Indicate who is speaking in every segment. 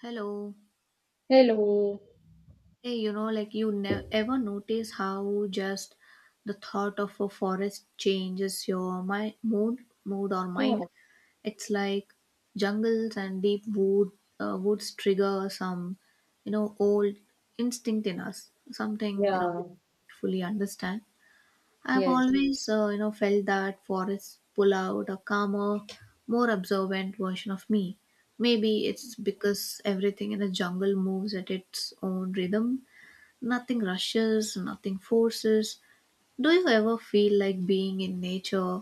Speaker 1: Hello.
Speaker 2: Hello.
Speaker 1: Hey, like ever notice how just the thought of a forest changes your my mood or mind?
Speaker 2: Yeah,
Speaker 1: It's like jungles and deep woods trigger some, old instinct in us. Something
Speaker 2: yeah,
Speaker 1: we don't fully understand. I've
Speaker 2: yes.
Speaker 1: always felt that forests pull out a calmer, more observant version of me. Maybe it's because everything in the jungle moves at its own rhythm. Nothing rushes, nothing forces. Do you ever feel like being in nature,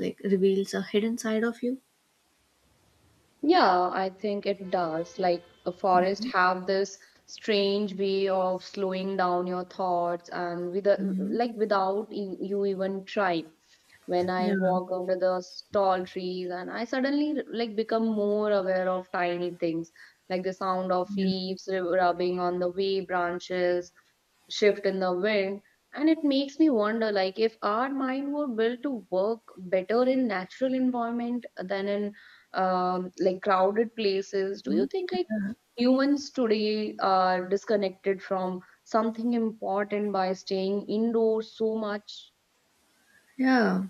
Speaker 1: like reveals a hidden side of you?
Speaker 2: Yeah, I think it does. Like a forest have this strange way of slowing down your thoughts and with a, like without you even trying. When I
Speaker 1: Yeah,
Speaker 2: walk under the tall trees and I suddenly like become more aware of tiny things like the sound of
Speaker 1: yeah,
Speaker 2: leaves rubbing on the way branches, shift in the wind, and it makes me wonder like if our mind were built to work better in natural environment than in like crowded places. Do you think like humans today are disconnected from something important by staying indoors so much?
Speaker 1: yeah,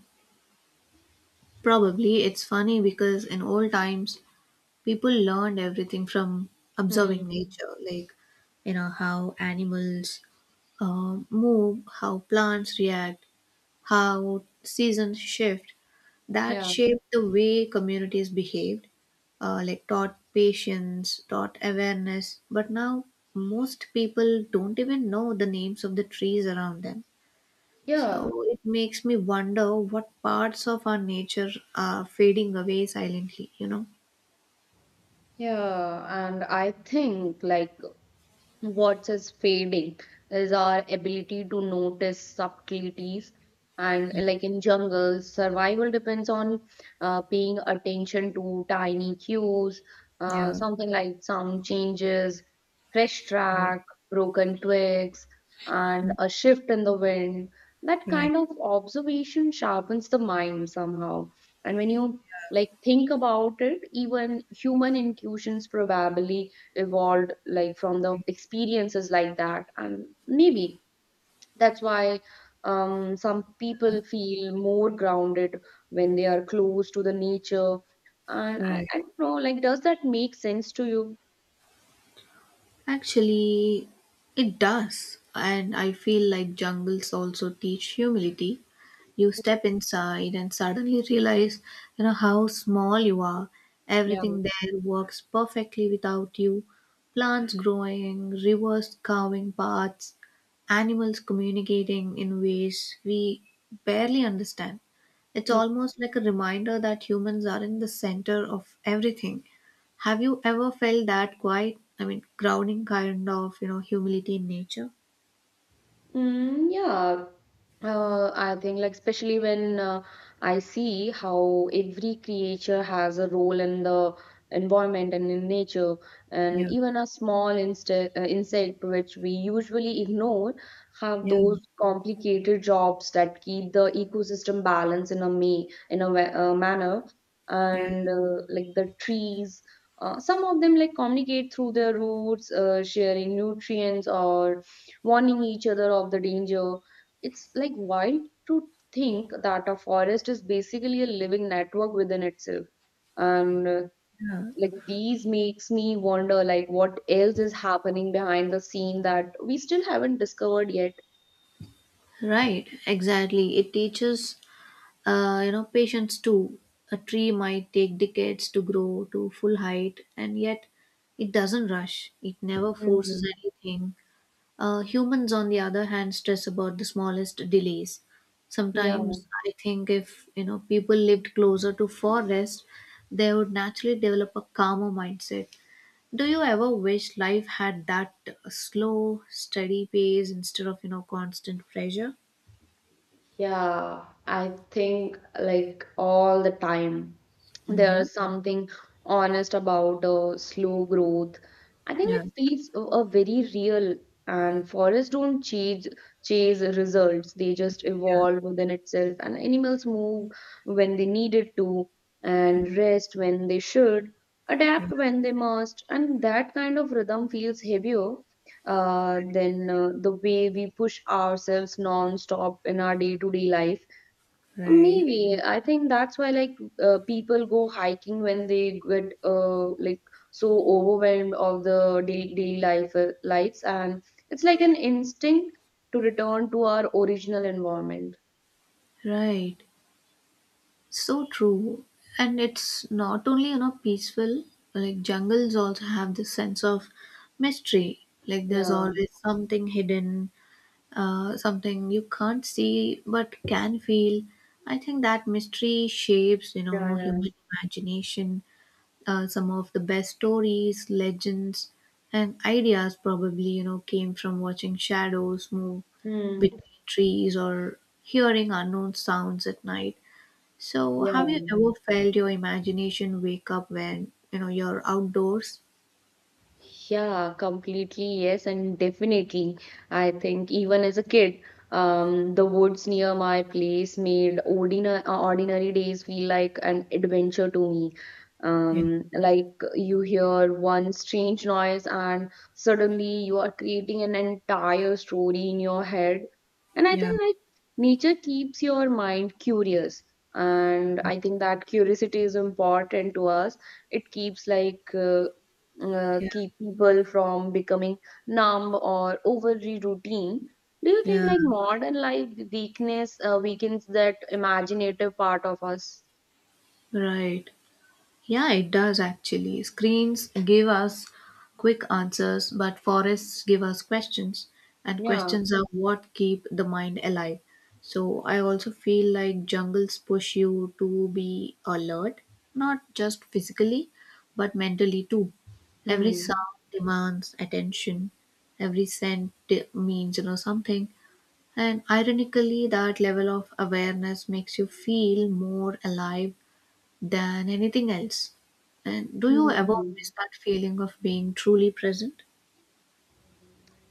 Speaker 1: probably. It's funny because in old times, people learned everything from observing
Speaker 2: Hmm.
Speaker 1: nature, like, how animals, move, how plants react, how seasons shift, that
Speaker 2: Yeah,
Speaker 1: shaped the way communities behaved, like taught patience, taught awareness. But now, most people don't even know the names of the trees around them.
Speaker 2: yeah,
Speaker 1: So it makes me wonder what parts of our nature are fading away silently, you know?
Speaker 2: yeah, and I think like what is fading is our ability to notice subtleties. And like in jungles, survival depends on paying attention to tiny cues,
Speaker 1: Yeah,
Speaker 2: something like sound changes, fresh
Speaker 1: right,
Speaker 2: track, broken twigs, and a shift in the wind. That
Speaker 1: right,
Speaker 2: kind of observation sharpens the mind somehow. And when you like think about it, even human intuitions probably evolved like from the experiences like that, and maybe that's why some people feel more grounded when they are close to the nature. And I,
Speaker 1: right.
Speaker 2: I don't know, like does that make sense to you?
Speaker 1: Actually, it does. And I feel like jungles also teach humility. You step inside and suddenly realize how small you are.
Speaker 2: Yeah.
Speaker 1: Everything there works perfectly without you. Plants growing, rivers carving paths, animals communicating in ways we barely understand. It's almost like a reminder that humans are in the center of everything. Have you ever felt that quiet, I mean, grounding kind of humility in nature?
Speaker 2: Mm, yeah, I think like especially when I see how every creature has a role in the environment and in nature, and
Speaker 1: Yeah,
Speaker 2: even a small inste insect which we usually ignore have
Speaker 1: yeah,
Speaker 2: those complicated jobs that keep the ecosystem balanced in a may in a wa- manner.
Speaker 1: yeah,
Speaker 2: And like the trees. Some of them like communicate through their roots, sharing nutrients or warning each other of the danger. It's like wild to think that a forest is basically a living network within itself. And
Speaker 1: yeah,
Speaker 2: like these makes me wonder like what else is happening behind the scene that we still haven't discovered yet.
Speaker 1: right, exactly. It teaches patience too. A tree might take decades to grow to full height, and yet it doesn't rush. It never forces
Speaker 2: Mhm.
Speaker 1: anything. Humans, on the other hand, stress about the smallest delays.
Speaker 2: Yeah.
Speaker 1: Sometimes I think if people lived closer to forest, they would naturally develop a calmer mindset. Do you ever wish life had that slow, steady pace instead of constant pressure?
Speaker 2: Yeah, I think like all the time
Speaker 1: Hmm.
Speaker 2: there's something honest about slow growth. I think
Speaker 1: Yeah.
Speaker 2: it feels a very real, and forests don't chase results. They just evolve within itself, and animals move when they needed to, and rest when they should, adapt when they must, and that kind of rhythm feels heavier then the way we push ourselves non-stop in our day-to-day life.
Speaker 1: Right.
Speaker 2: Maybe I think that's why like people go hiking when they get like so overwhelmed of the daily life lives, and it's like an instinct to return to our original environment.
Speaker 1: Right. So true. And it's not only peaceful, like jungles also have this sense of mystery. Like there's
Speaker 2: Yeah,
Speaker 1: always something hidden, something you can't see but can feel. I think that mystery shapes
Speaker 2: yeah, yeah.
Speaker 1: human imagination. Some of the best stories, legends, and ideas probably came from watching shadows move
Speaker 2: Hmm.
Speaker 1: between trees or hearing unknown sounds at night. So, have you
Speaker 2: Yeah.
Speaker 1: ever felt your imagination wake up when you're outdoors?
Speaker 2: Yeah, completely. Yes, and definitely. I think even as a kid, the woods near my place made ordinary days feel like an adventure to me.
Speaker 1: Yeah,
Speaker 2: Like you hear one strange noise and suddenly you are creating an entire story in your head. And I
Speaker 1: yeah,
Speaker 2: think like nature keeps your mind curious. And I think that curiosity is important to us. It keeps
Speaker 1: yeah,
Speaker 2: keep people from becoming numb or overly routine. Do you think
Speaker 1: yeah.
Speaker 2: like modern life weakness weakens that imaginative part of us?
Speaker 1: Right. Yeah, it does actually. Screens give us quick answers, but forests give us questions, and
Speaker 2: Yeah.
Speaker 1: questions are what keep the mind alive. So I also feel like jungles push you to be alert, not just physically, but mentally too. Every
Speaker 2: Hmm.
Speaker 1: sound demands attention, every scent means something. And ironically, that level of awareness makes you feel more alive than anything else. And do you
Speaker 2: Hmm,
Speaker 1: ever
Speaker 2: hmm.
Speaker 1: miss that feeling of being truly present?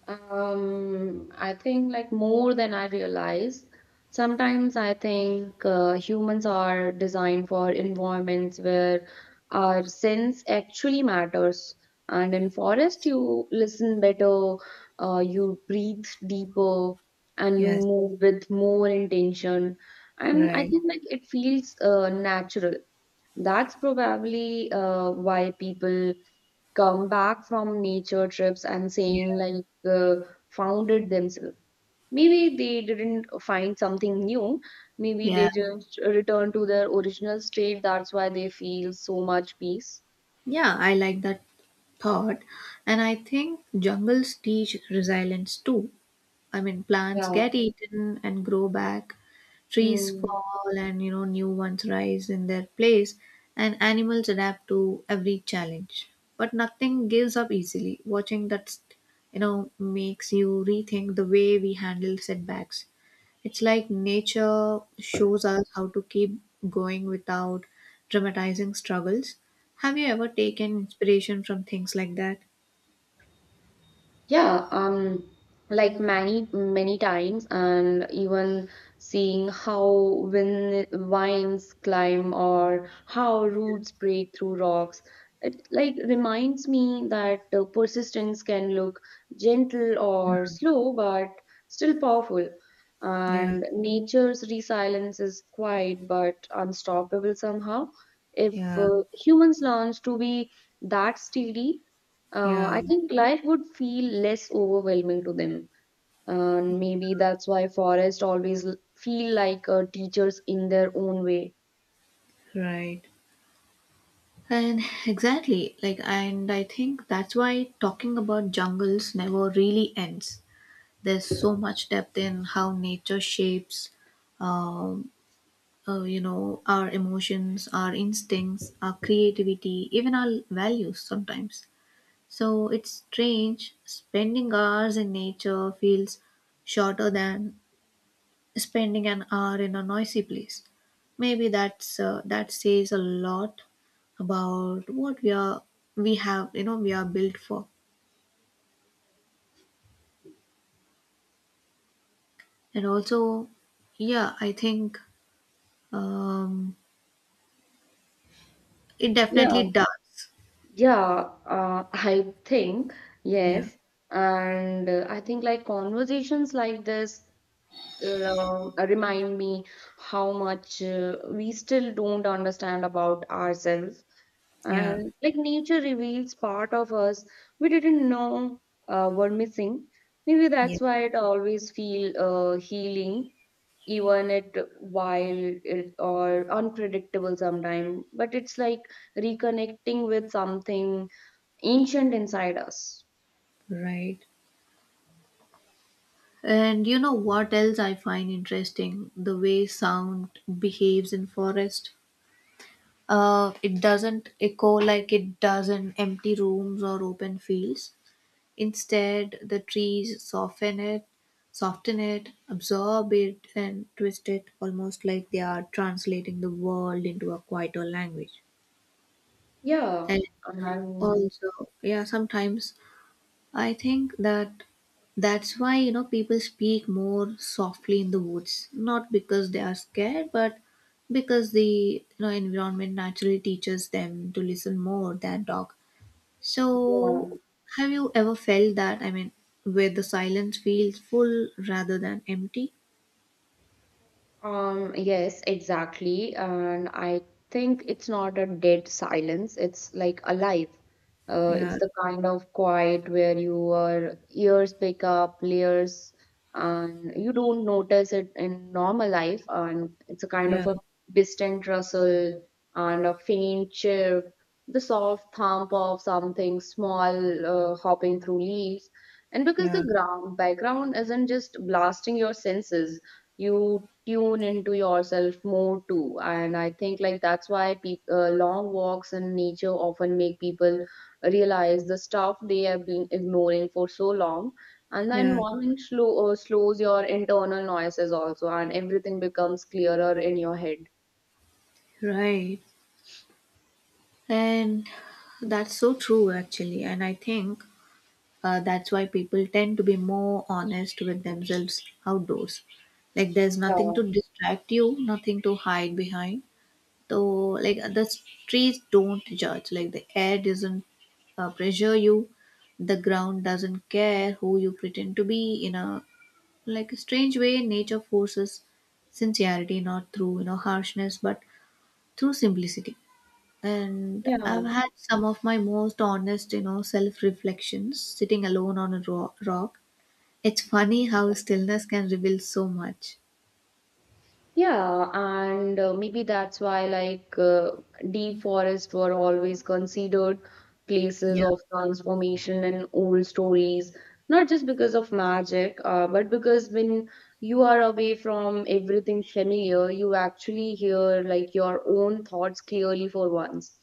Speaker 2: I think like more than I realize. Sometimes I think humans are designed for environments where our sense actually matters. And in forest, you listen better, you breathe deeper, and you
Speaker 1: Yes,
Speaker 2: move with more intention. And I
Speaker 1: right.
Speaker 2: think like it feels natural. That's probably why people come back from nature trips and saying
Speaker 1: Yeah.
Speaker 2: like found it themselves. Maybe they didn't find something new, maybe
Speaker 1: Yeah,
Speaker 2: they just return to their original state. That's why they feel so much peace.
Speaker 1: yeah, I like that thought. And I think jungles teach resilience too. I mean, plants
Speaker 2: Yeah.
Speaker 1: get eaten and grow back, trees
Speaker 2: Hmm.
Speaker 1: fall and new ones rise in their place, and animals adapt to every challenge. But nothing gives up easily. Watching that makes you rethink the way we handle setbacks. It's like nature shows us how to keep going without dramatizing struggles. Have you ever taken inspiration from things like that?
Speaker 2: Yeah, like many many times, and even seeing how win vines climb or how roots break through rocks, it like reminds me that persistence can look gentle or slow, but still powerful.
Speaker 1: Yeah,
Speaker 2: And nature's resilience is quiet but unstoppable somehow. If
Speaker 1: yeah,
Speaker 2: humans learn to be that steady,
Speaker 1: yeah,
Speaker 2: I think life would feel less overwhelming to them. And maybe that's why forests always feel like teachers in their own way.
Speaker 1: right. And exactly, like, and I think that's why talking about jungles never really ends. There's so much depth in how nature shapes, um, our emotions, our instincts, our creativity, even our values sometimes. So it's strange spending hours in nature feels shorter than spending an hour in a noisy place. Maybe that says a lot about what we are we have you know we are built for. And also, yeah, I think um, it
Speaker 2: Yeah,
Speaker 1: definitely does.
Speaker 2: yeah, I think,
Speaker 1: Yeah,
Speaker 2: yes. And I think like conversations like this remind me how much we still don't understand about ourselves.
Speaker 1: yeah,
Speaker 2: And like nature reveals part of us we didn't know were missing. Maybe
Speaker 1: yeah,
Speaker 2: that's why it always feel healing, even it wild it, or unpredictable sometimes, but it's like reconnecting with something ancient inside us.
Speaker 1: right. And you know what else? I find interesting? The way sound behaves in forest. It doesn't echo like it does in empty rooms or open fields. Instead, the trees soften it, absorb it, and twist it, almost like they are translating the world into a quieter language.
Speaker 2: Yeah
Speaker 1: And
Speaker 2: and
Speaker 1: also, yeah, sometimes I think that that's why people speak more softly in the woods, not because they are scared, but because the environment naturally teaches them to listen more than talk. So,
Speaker 2: yeah.
Speaker 1: have you ever felt that? I mean, where the silence feels full rather than empty?
Speaker 2: Yes, exactly. And I think it's not a dead silence, it's like alive.
Speaker 1: Yeah,
Speaker 2: It's the kind of quiet where your ears pick up layers and you don't notice it in normal life. And it's a kind
Speaker 1: yeah,
Speaker 2: of a distant rustle and a faint chirp, the soft thump of something small hopping through leaves. And because
Speaker 1: yeah,
Speaker 2: the ground background isn't just blasting your senses, you tune into yourself more too. And I think like that's why peop long walks in nature often make people realize the stuff they have been ignoring for so long. And the
Speaker 1: yeah,
Speaker 2: environment slows your internal noises also, and everything becomes clearer in your head.
Speaker 1: right. And that's so true, actually. And I think that's why people tend to be more honest with themselves outdoors. Like, there's nothing to
Speaker 2: Yeah.
Speaker 1: distract you, nothing to hide behind. So like the trees don't judge. Like the air doesn't pressure you. The ground doesn't care who you pretend to be. In a Like a strange way, nature forces sincerity not through harshness, but through simplicity. And
Speaker 2: Yeah.
Speaker 1: I've had some of my most honest self-reflections sitting alone on a rock. It's funny how stillness can reveal so much.
Speaker 2: Yeah, and maybe that's why like deep forests were always considered places
Speaker 1: Yeah,
Speaker 2: of transformation and old stories, not just because of magic, but because when you are away from everything familiar, you actually hear like your own thoughts clearly for once.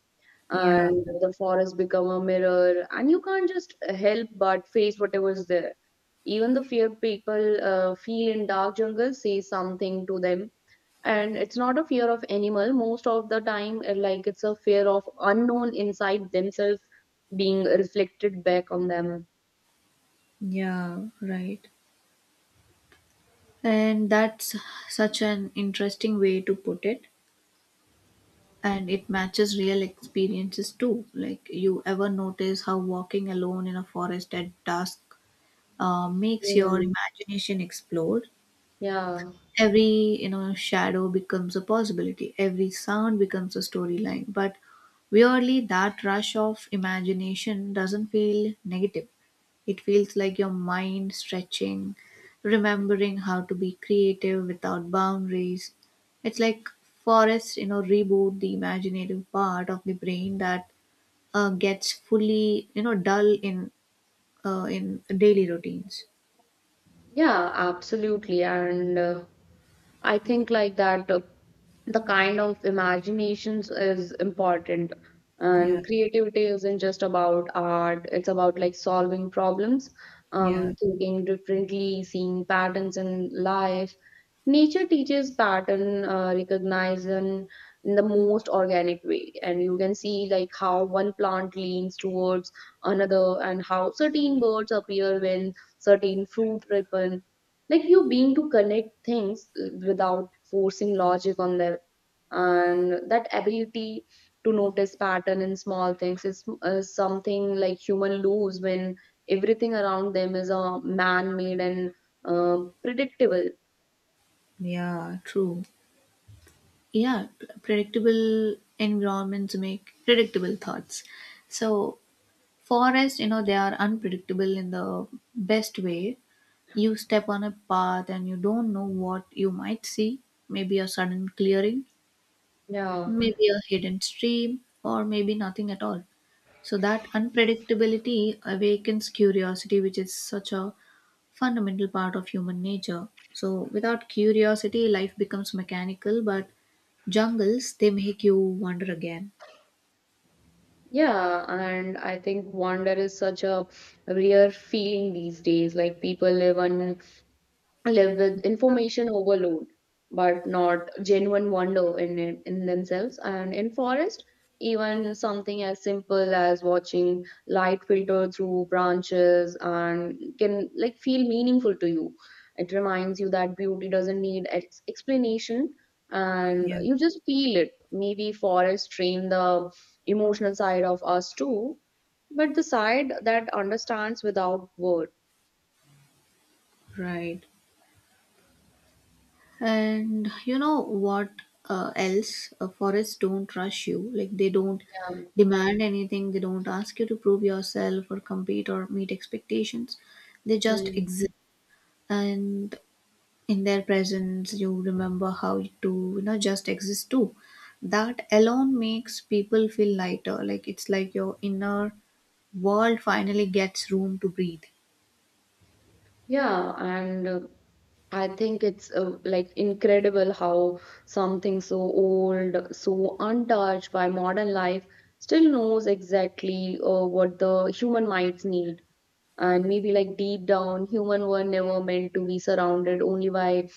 Speaker 1: yeah,
Speaker 2: And the forest become a mirror, and you can't just help but face whatever is there. Even the fear people feel in dark jungles say something to them, and it's not a fear of animal most of the time, like it's a fear of unknown inside themselves being reflected back on them.
Speaker 1: yeah, right. And that's such an interesting way to put it. And it matches real experiences too. Like, you ever notice how walking alone in a forest at dusk makes your
Speaker 2: Mm.
Speaker 1: imagination explode?
Speaker 2: Yeah,
Speaker 1: Every shadow becomes a possibility. Every sound becomes a storyline, but weirdly that rush of imagination doesn't feel negative. It feels like your mind stretching, remembering how to be creative without boundaries. It's like forests reboot the imaginative part of the brain that gets fully dull in daily routines.
Speaker 2: yeah, absolutely, and I think like that the kind of imaginations is important,
Speaker 1: Yeah,
Speaker 2: and creativity isn't just about art, it's about like solving problems, um,
Speaker 1: yeah,
Speaker 2: thinking differently, seeing patterns in life. Nature teaches pattern recognition in the most organic way, and you can see like how one plant leans towards another, and how certain birds appear when certain fruit ripen. Like you being to connect things without forcing logic on them, and that ability to notice pattern in small things is something like human lose when everything around them is man-made and predictable.
Speaker 1: yeah, true. Yeah, predictable environments make predictable thoughts. So forest they are unpredictable in the best way. You step on a path and you don't know what you might see. Maybe a sudden clearing,
Speaker 2: Yeah,
Speaker 1: maybe a hidden stream, or maybe nothing at all. So that unpredictability awakens curiosity, which is such a fundamental part of human nature. So, without curiosity, life becomes mechanical, but jungles, they make you wonder again.
Speaker 2: yeah, and I think wonder is such a rare feeling these days. Like people live on live with information overload but not genuine wonder in it, in themselves, and in forest even something as simple as watching light filter through branches and can like feel meaningful to you. It reminds you that beauty doesn't need explanation, and
Speaker 1: Yeah,
Speaker 2: you just feel it. Maybe forest train the emotional side of us too, but the side that understands without word.
Speaker 1: right. And you know what else? Forests don't rush you, like, they don't
Speaker 2: Um.
Speaker 1: demand anything, they don't ask you to prove yourself or compete or meet expectations. They just exist.
Speaker 2: Hmm.
Speaker 1: And in their presence you remember how to just exist too. That alone makes people feel lighter. Like, it's like your inner world finally gets room to breathe.
Speaker 2: Yeah, and I think it's like incredible how something so old, so untouched by modern life, still knows exactly what the human minds need. And maybe like deep down, human were never meant to be surrounded only by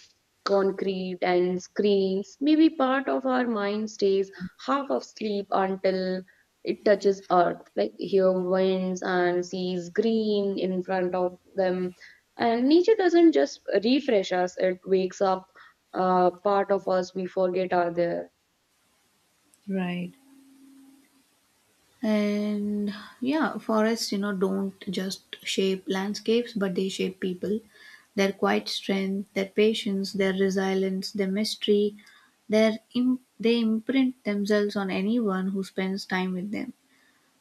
Speaker 2: concrete and screens. Maybe part of our mind stays half of sleep until it touches earth, like hear winds and sees green in front of them. And nature doesn't just refresh us, it wakes up part of us we forget are there.
Speaker 1: Right. And yeah, forests don't just shape landscapes but they shape people. Their quiet strength, their patience, their resilience, their mystery, their they imprint themselves on anyone who spends time with them.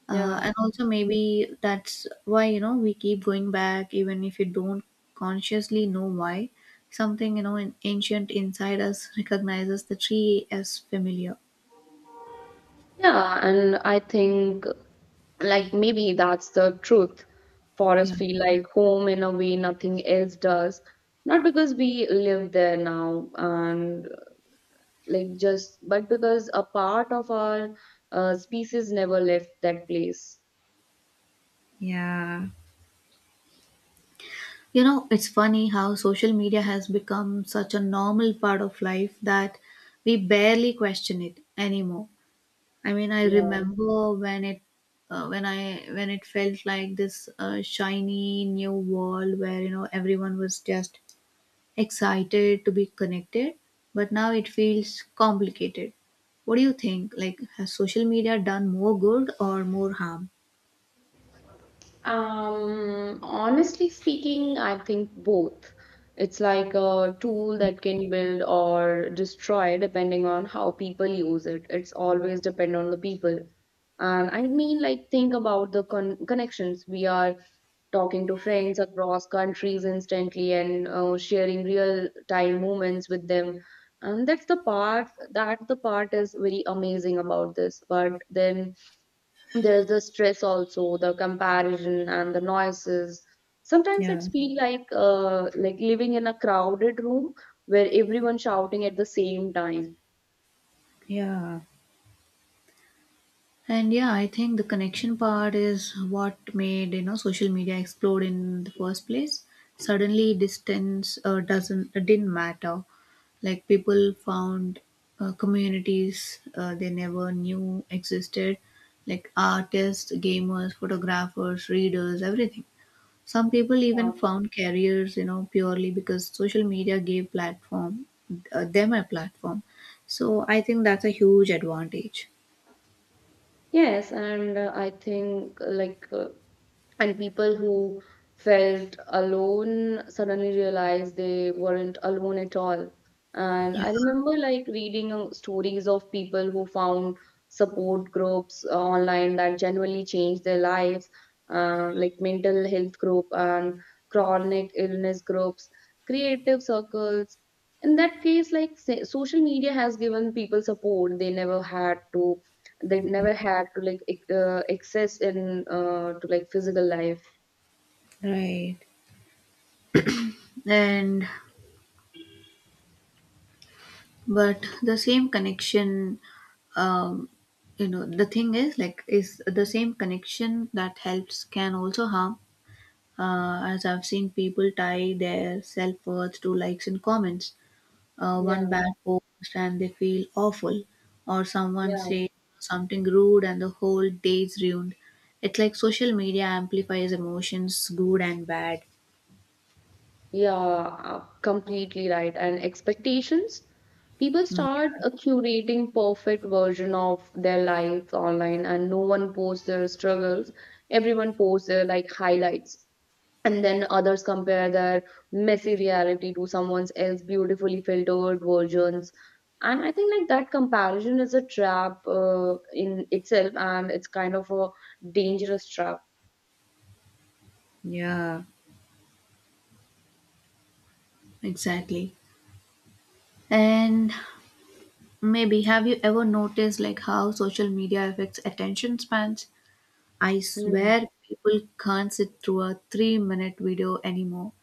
Speaker 2: Yeah.
Speaker 1: And also maybe that's why we keep going back even if you don't consciously know why. Something an ancient inside us recognizes the tree as familiar.
Speaker 2: Yeah, and I think like maybe that's the truth.
Speaker 1: Yeah.
Speaker 2: Forests feel like home in a way nothing else does. Not because we live there now and like just, but because a part of our species never left that place.
Speaker 1: Yeah. It's funny how social media has become such a normal part of life that we barely question it anymore. I mean, I remember when it felt like this shiny new world where everyone was just excited to be connected, but now it feels complicated. What do you think? Like, has social media done more good or more harm?
Speaker 2: Honestly speaking, I think both. It's like a tool that can build or destroy depending on how people use it. It's always depend on the people. And I mean, like, think about the connections. We are talking to friends across countries instantly and sharing real time moments with them. And that's the part that the part is very amazing about this. But then there's the stress, also the comparison and the noises. Sometimes
Speaker 1: Yeah.
Speaker 2: it's feel like living in a crowded room where everyone shouting at the same time.
Speaker 1: Yeah. And, yeah, I think the connection part is what made social media explode in the first place. Suddenly, distance doesn't didn't matter. Like people found communities they never knew existed, like artists, gamers, photographers, readers, everything. Some people even
Speaker 2: Uh,
Speaker 1: found careers purely because social media gave platform them a platform. So I think that's a huge advantage.
Speaker 2: yes, and I think and people who felt alone suddenly realized they weren't alone at all. And
Speaker 1: Yeah.
Speaker 2: I remember like reading stories of people who found support groups online that genuinely changed their lives, like mental health group and chronic illness groups, creative circles. In that case, like, say, social media has given people support they never had to like access in to like physical life.
Speaker 1: Right. And but the same connection, um, the thing is like is the same connection that helps can also harm. As I've seen people tie their self worth to likes and comments.
Speaker 2: Yeah,
Speaker 1: One bad post and they feel awful, or someone
Speaker 2: yeah,
Speaker 1: says something rude and the whole day's ruined. It's like social media amplifies emotions, good and bad.
Speaker 2: yeah, completely right. And expectations, people
Speaker 1: Mm,
Speaker 2: start curating perfect version of their lives online, and no one posts their struggles. Everyone posts their like highlights, and then others compare their messy reality to someone else's beautifully filtered versions. And I think like that comparison is a trap in itself, and it's kind of a dangerous trap.
Speaker 1: yeah, exactly. And maybe have you ever noticed like how social media affects attention spans? I
Speaker 2: Hmm.
Speaker 1: swear people can't sit through a 3-minute video anymore.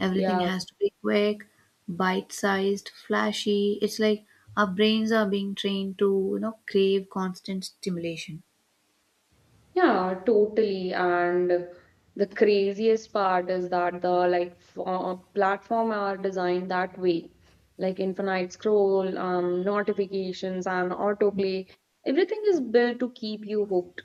Speaker 1: Everything
Speaker 2: Yeah.
Speaker 1: has to be quick, bite sized, flashy. It's like our brains are being trained to crave constant stimulation.
Speaker 2: Yeah, totally. And the craziest part is that the like platform are designed that way, like infinite scroll, notifications, and autoplay. Everything is built to keep you hooked,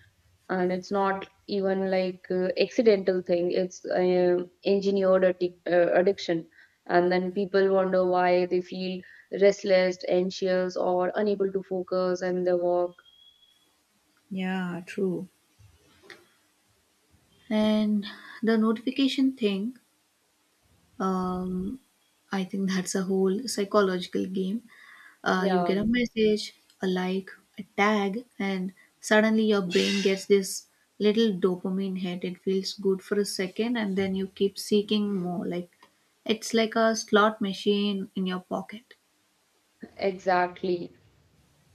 Speaker 2: and it's not even like accidental thing. It's engineered addiction, and then people wonder why they feel restless, anxious, or unable to focus in their work.
Speaker 1: Yeah, true. And the notification thing, um, I think that's a whole psychological game. You
Speaker 2: Yeah,
Speaker 1: get a message, a like, a tag, and suddenly your brain gets this little dopamine hit. It feels good for a second, and then you keep seeking more. Like it's like a slot machine in your pocket.
Speaker 2: exactly.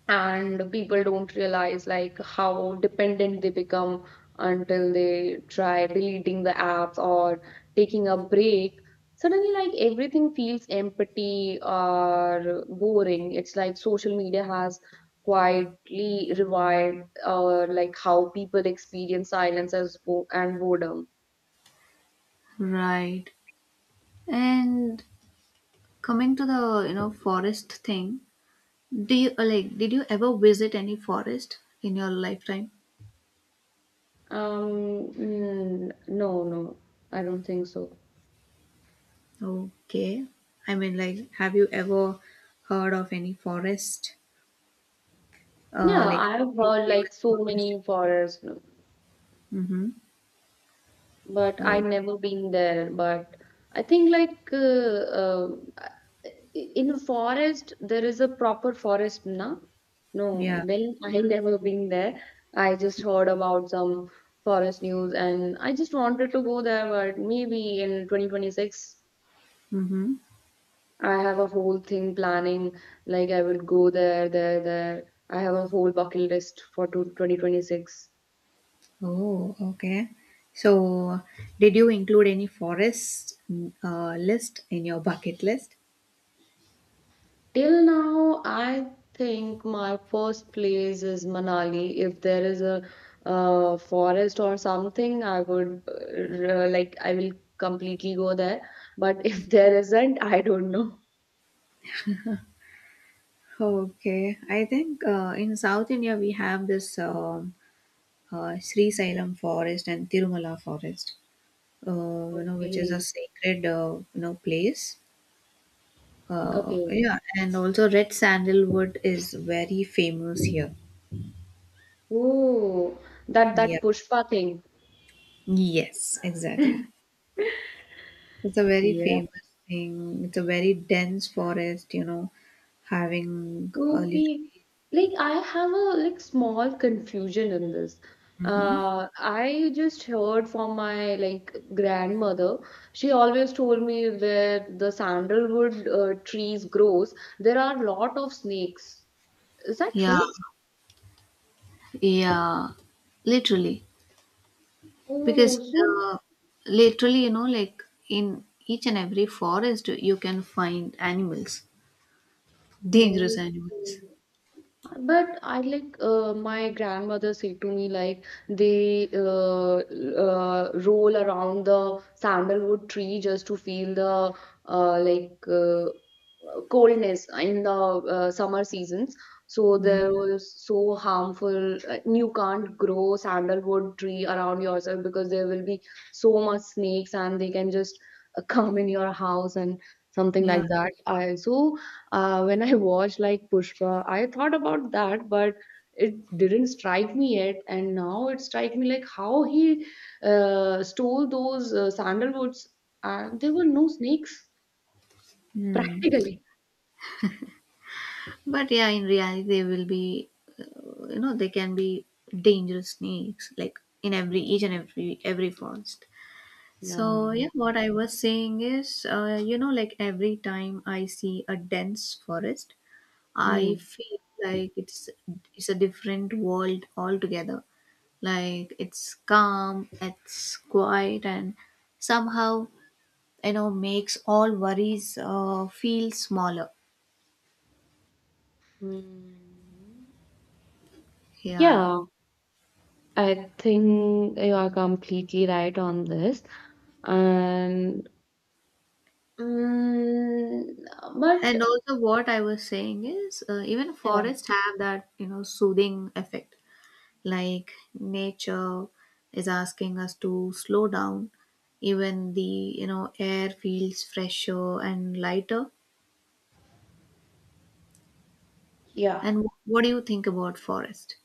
Speaker 2: And people don't realize like how dependent they become until they try deleting the apps or taking a break. Suddenly, like, everything feels empty or boring. It's like social media has quietly revived or like how people experience silence as bo- and boredom.
Speaker 1: Right. And coming to the forest thing, do you like did you ever visit any forest in your lifetime?
Speaker 2: um no, no, I don't think so.
Speaker 1: Okay. I mean, like, have you ever heard of any forest?
Speaker 2: Yeah,
Speaker 1: Like
Speaker 2: I've
Speaker 1: any
Speaker 2: heard like
Speaker 1: famous
Speaker 2: so
Speaker 1: forest?
Speaker 2: many forests,
Speaker 1: Mhm.
Speaker 2: but I
Speaker 1: So,
Speaker 2: never been there. But I think like in the forest there is a proper forest, na? No,
Speaker 1: yeah.
Speaker 2: well, I never been there. I just heard about some forest news and I just wanted to go there, but maybe in 2026
Speaker 1: Mhm.
Speaker 2: I have a whole thing planning. Like, I will go there, there, there. I have a whole bucket list for 2026.
Speaker 1: Oh, okay. So, did you include any forest list in your bucket list?
Speaker 2: Till now, I think my first place is Manali. If there is a forest or something, I would I will completely go there. But if there isn't, I don't know.
Speaker 1: Okay, I think in South India we have this Sri Sailam forest and Tirumala forest which is a
Speaker 2: Okay,
Speaker 1: sacred place.
Speaker 2: okay.
Speaker 1: Yeah, and also red sandalwood is very famous here.
Speaker 2: Oh, that
Speaker 1: Yeah.
Speaker 2: that Pushpa thing.
Speaker 1: Yes, exactly. It's a very famous thing. It's a very dense forest having a little.
Speaker 2: Okay. Like, I have a like small confusion in this.
Speaker 1: Hmm.
Speaker 2: I just heard from my like grandmother. She always told me where the sandalwood trees grows, there are a lot of snakes. Is that
Speaker 1: Yeah,
Speaker 2: true?
Speaker 1: yeah, literally.
Speaker 2: Oh,
Speaker 1: Because
Speaker 2: so.
Speaker 1: literally like in each and every forest, you can find animals, dangerous
Speaker 2: Oh.
Speaker 1: animals.
Speaker 2: But I like, my grandmother said to me like they roll around the sandalwood tree just to feel the uh, like uh, coldness in the summer seasons. So
Speaker 1: Mm,
Speaker 2: there was so harmful, you can't grow sandalwood tree around yourself because there will be so much snakes, and they can just come in your house and something
Speaker 1: yeah.
Speaker 2: like that. I so, when I watched like Pushpa, I thought about that, but it didn't strike me yet, and now it strike me like how he stole those sandalwoods and there were no snakes
Speaker 1: Mm.
Speaker 2: practically.
Speaker 1: But yeah, in reality, they will be, you know, they can be dangerous snakes, like in every, each and every forest.
Speaker 2: Yeah.
Speaker 1: So, yeah, what I was saying is like every time I see a dense forest, I
Speaker 2: Hmm.
Speaker 1: feel like it's a different world altogether. Like it's calm, it's quiet, and somehow makes all worries feel smaller.
Speaker 2: Mm.
Speaker 1: Yeah,
Speaker 2: Yeah, I think you are completely right on this. And, mm, but
Speaker 1: and also what I was saying is even
Speaker 2: yeah,
Speaker 1: forests have that soothing effect, like nature is asking us to slow down. Even the air feels fresher and lighter.
Speaker 2: yeah.
Speaker 1: And what do you think about forest?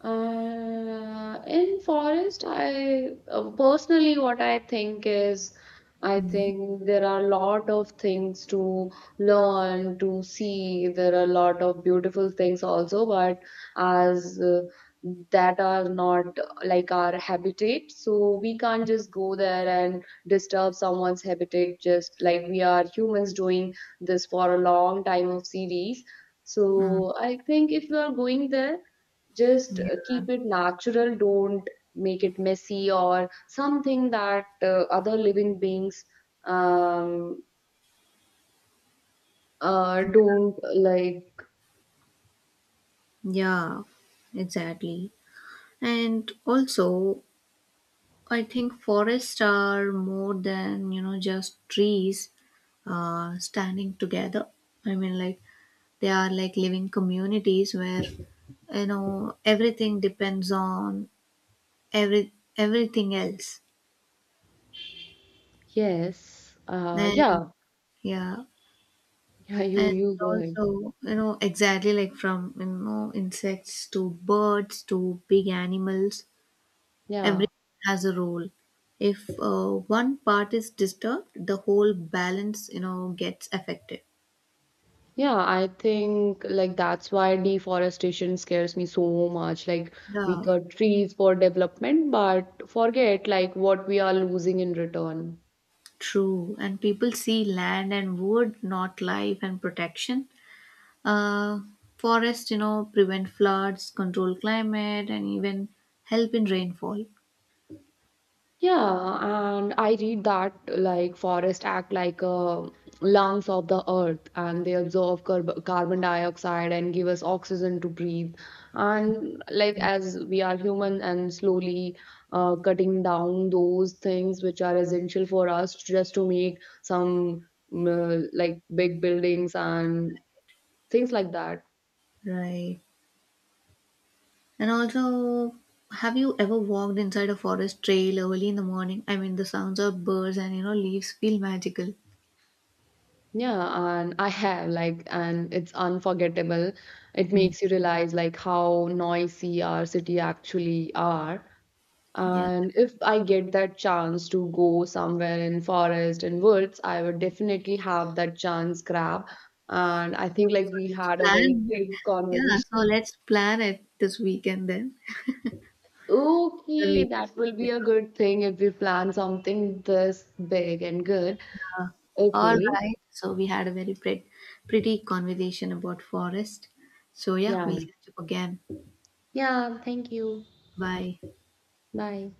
Speaker 2: In forest, I personally, what I think is, I
Speaker 1: Mm.
Speaker 2: think there are a lot of things to learn, to see. There are a lot of beautiful things also, but as that are not like our habitat, so we can't just go there and disturb someone's habitat just like we are humans doing this for a long time of series.
Speaker 1: Mm,
Speaker 2: So I think if you are going there, just keep it natural, don't make it messy or something that other living beings um, don't like.
Speaker 1: yeah, exactly. And also, I think forests are more than just trees standing together. I mean, like, they are like living communities where everything depends on everything else.
Speaker 2: Yes,
Speaker 1: And
Speaker 2: yeah.
Speaker 1: yeah,
Speaker 2: Yeah, you
Speaker 1: and
Speaker 2: you go ahead.
Speaker 1: also exactly, like from insects to birds to big animals,
Speaker 2: Yeah,
Speaker 1: everything has a role. If one part is disturbed, the whole balance gets affected.
Speaker 2: yeah. I think like that's why deforestation scares me so much, like we
Speaker 1: Yeah,
Speaker 2: cut trees for development but forget like what we are losing in return.
Speaker 1: true. And people see land and wood, not life and protection. uh Forests prevent floods, control climate, and even help in rainfall.
Speaker 2: Yeah, and I read that like forests act like lungs of the earth, and they absorb carbon dioxide and give us oxygen to breathe. And like
Speaker 1: Yeah.
Speaker 2: as we are human and slowly cutting down those things which are essential for us just to make some like big buildings and things like that.
Speaker 1: Right. And also, have you ever walked inside a forest trail early in the morning? I mean, the sounds of birds and leaves feel magical.
Speaker 2: Yeah, and I have like, and it's unforgettable. It
Speaker 1: Mm.
Speaker 2: makes you realize like how noisy our city actually are.
Speaker 1: Yeah.
Speaker 2: And if I get that chance to go somewhere in forest and woods, I would definitely have that chance grab. And I think like
Speaker 1: So
Speaker 2: we
Speaker 1: let's
Speaker 2: had a very
Speaker 1: plan.
Speaker 2: great
Speaker 1: Yeah. So
Speaker 2: conversation.
Speaker 1: let's plan it this weekend then. The
Speaker 2: Okay,
Speaker 1: weekend.
Speaker 2: that will be
Speaker 1: weekend.
Speaker 2: a good thing if we plan something this big and good.
Speaker 1: Uh, all
Speaker 2: Okay,
Speaker 1: right. So we had a very pretty, pretty conversation about forest. So yeah,
Speaker 2: yeah.
Speaker 1: we'll catch up again.
Speaker 2: Yeah, thank you.
Speaker 1: Bye.
Speaker 2: Bye.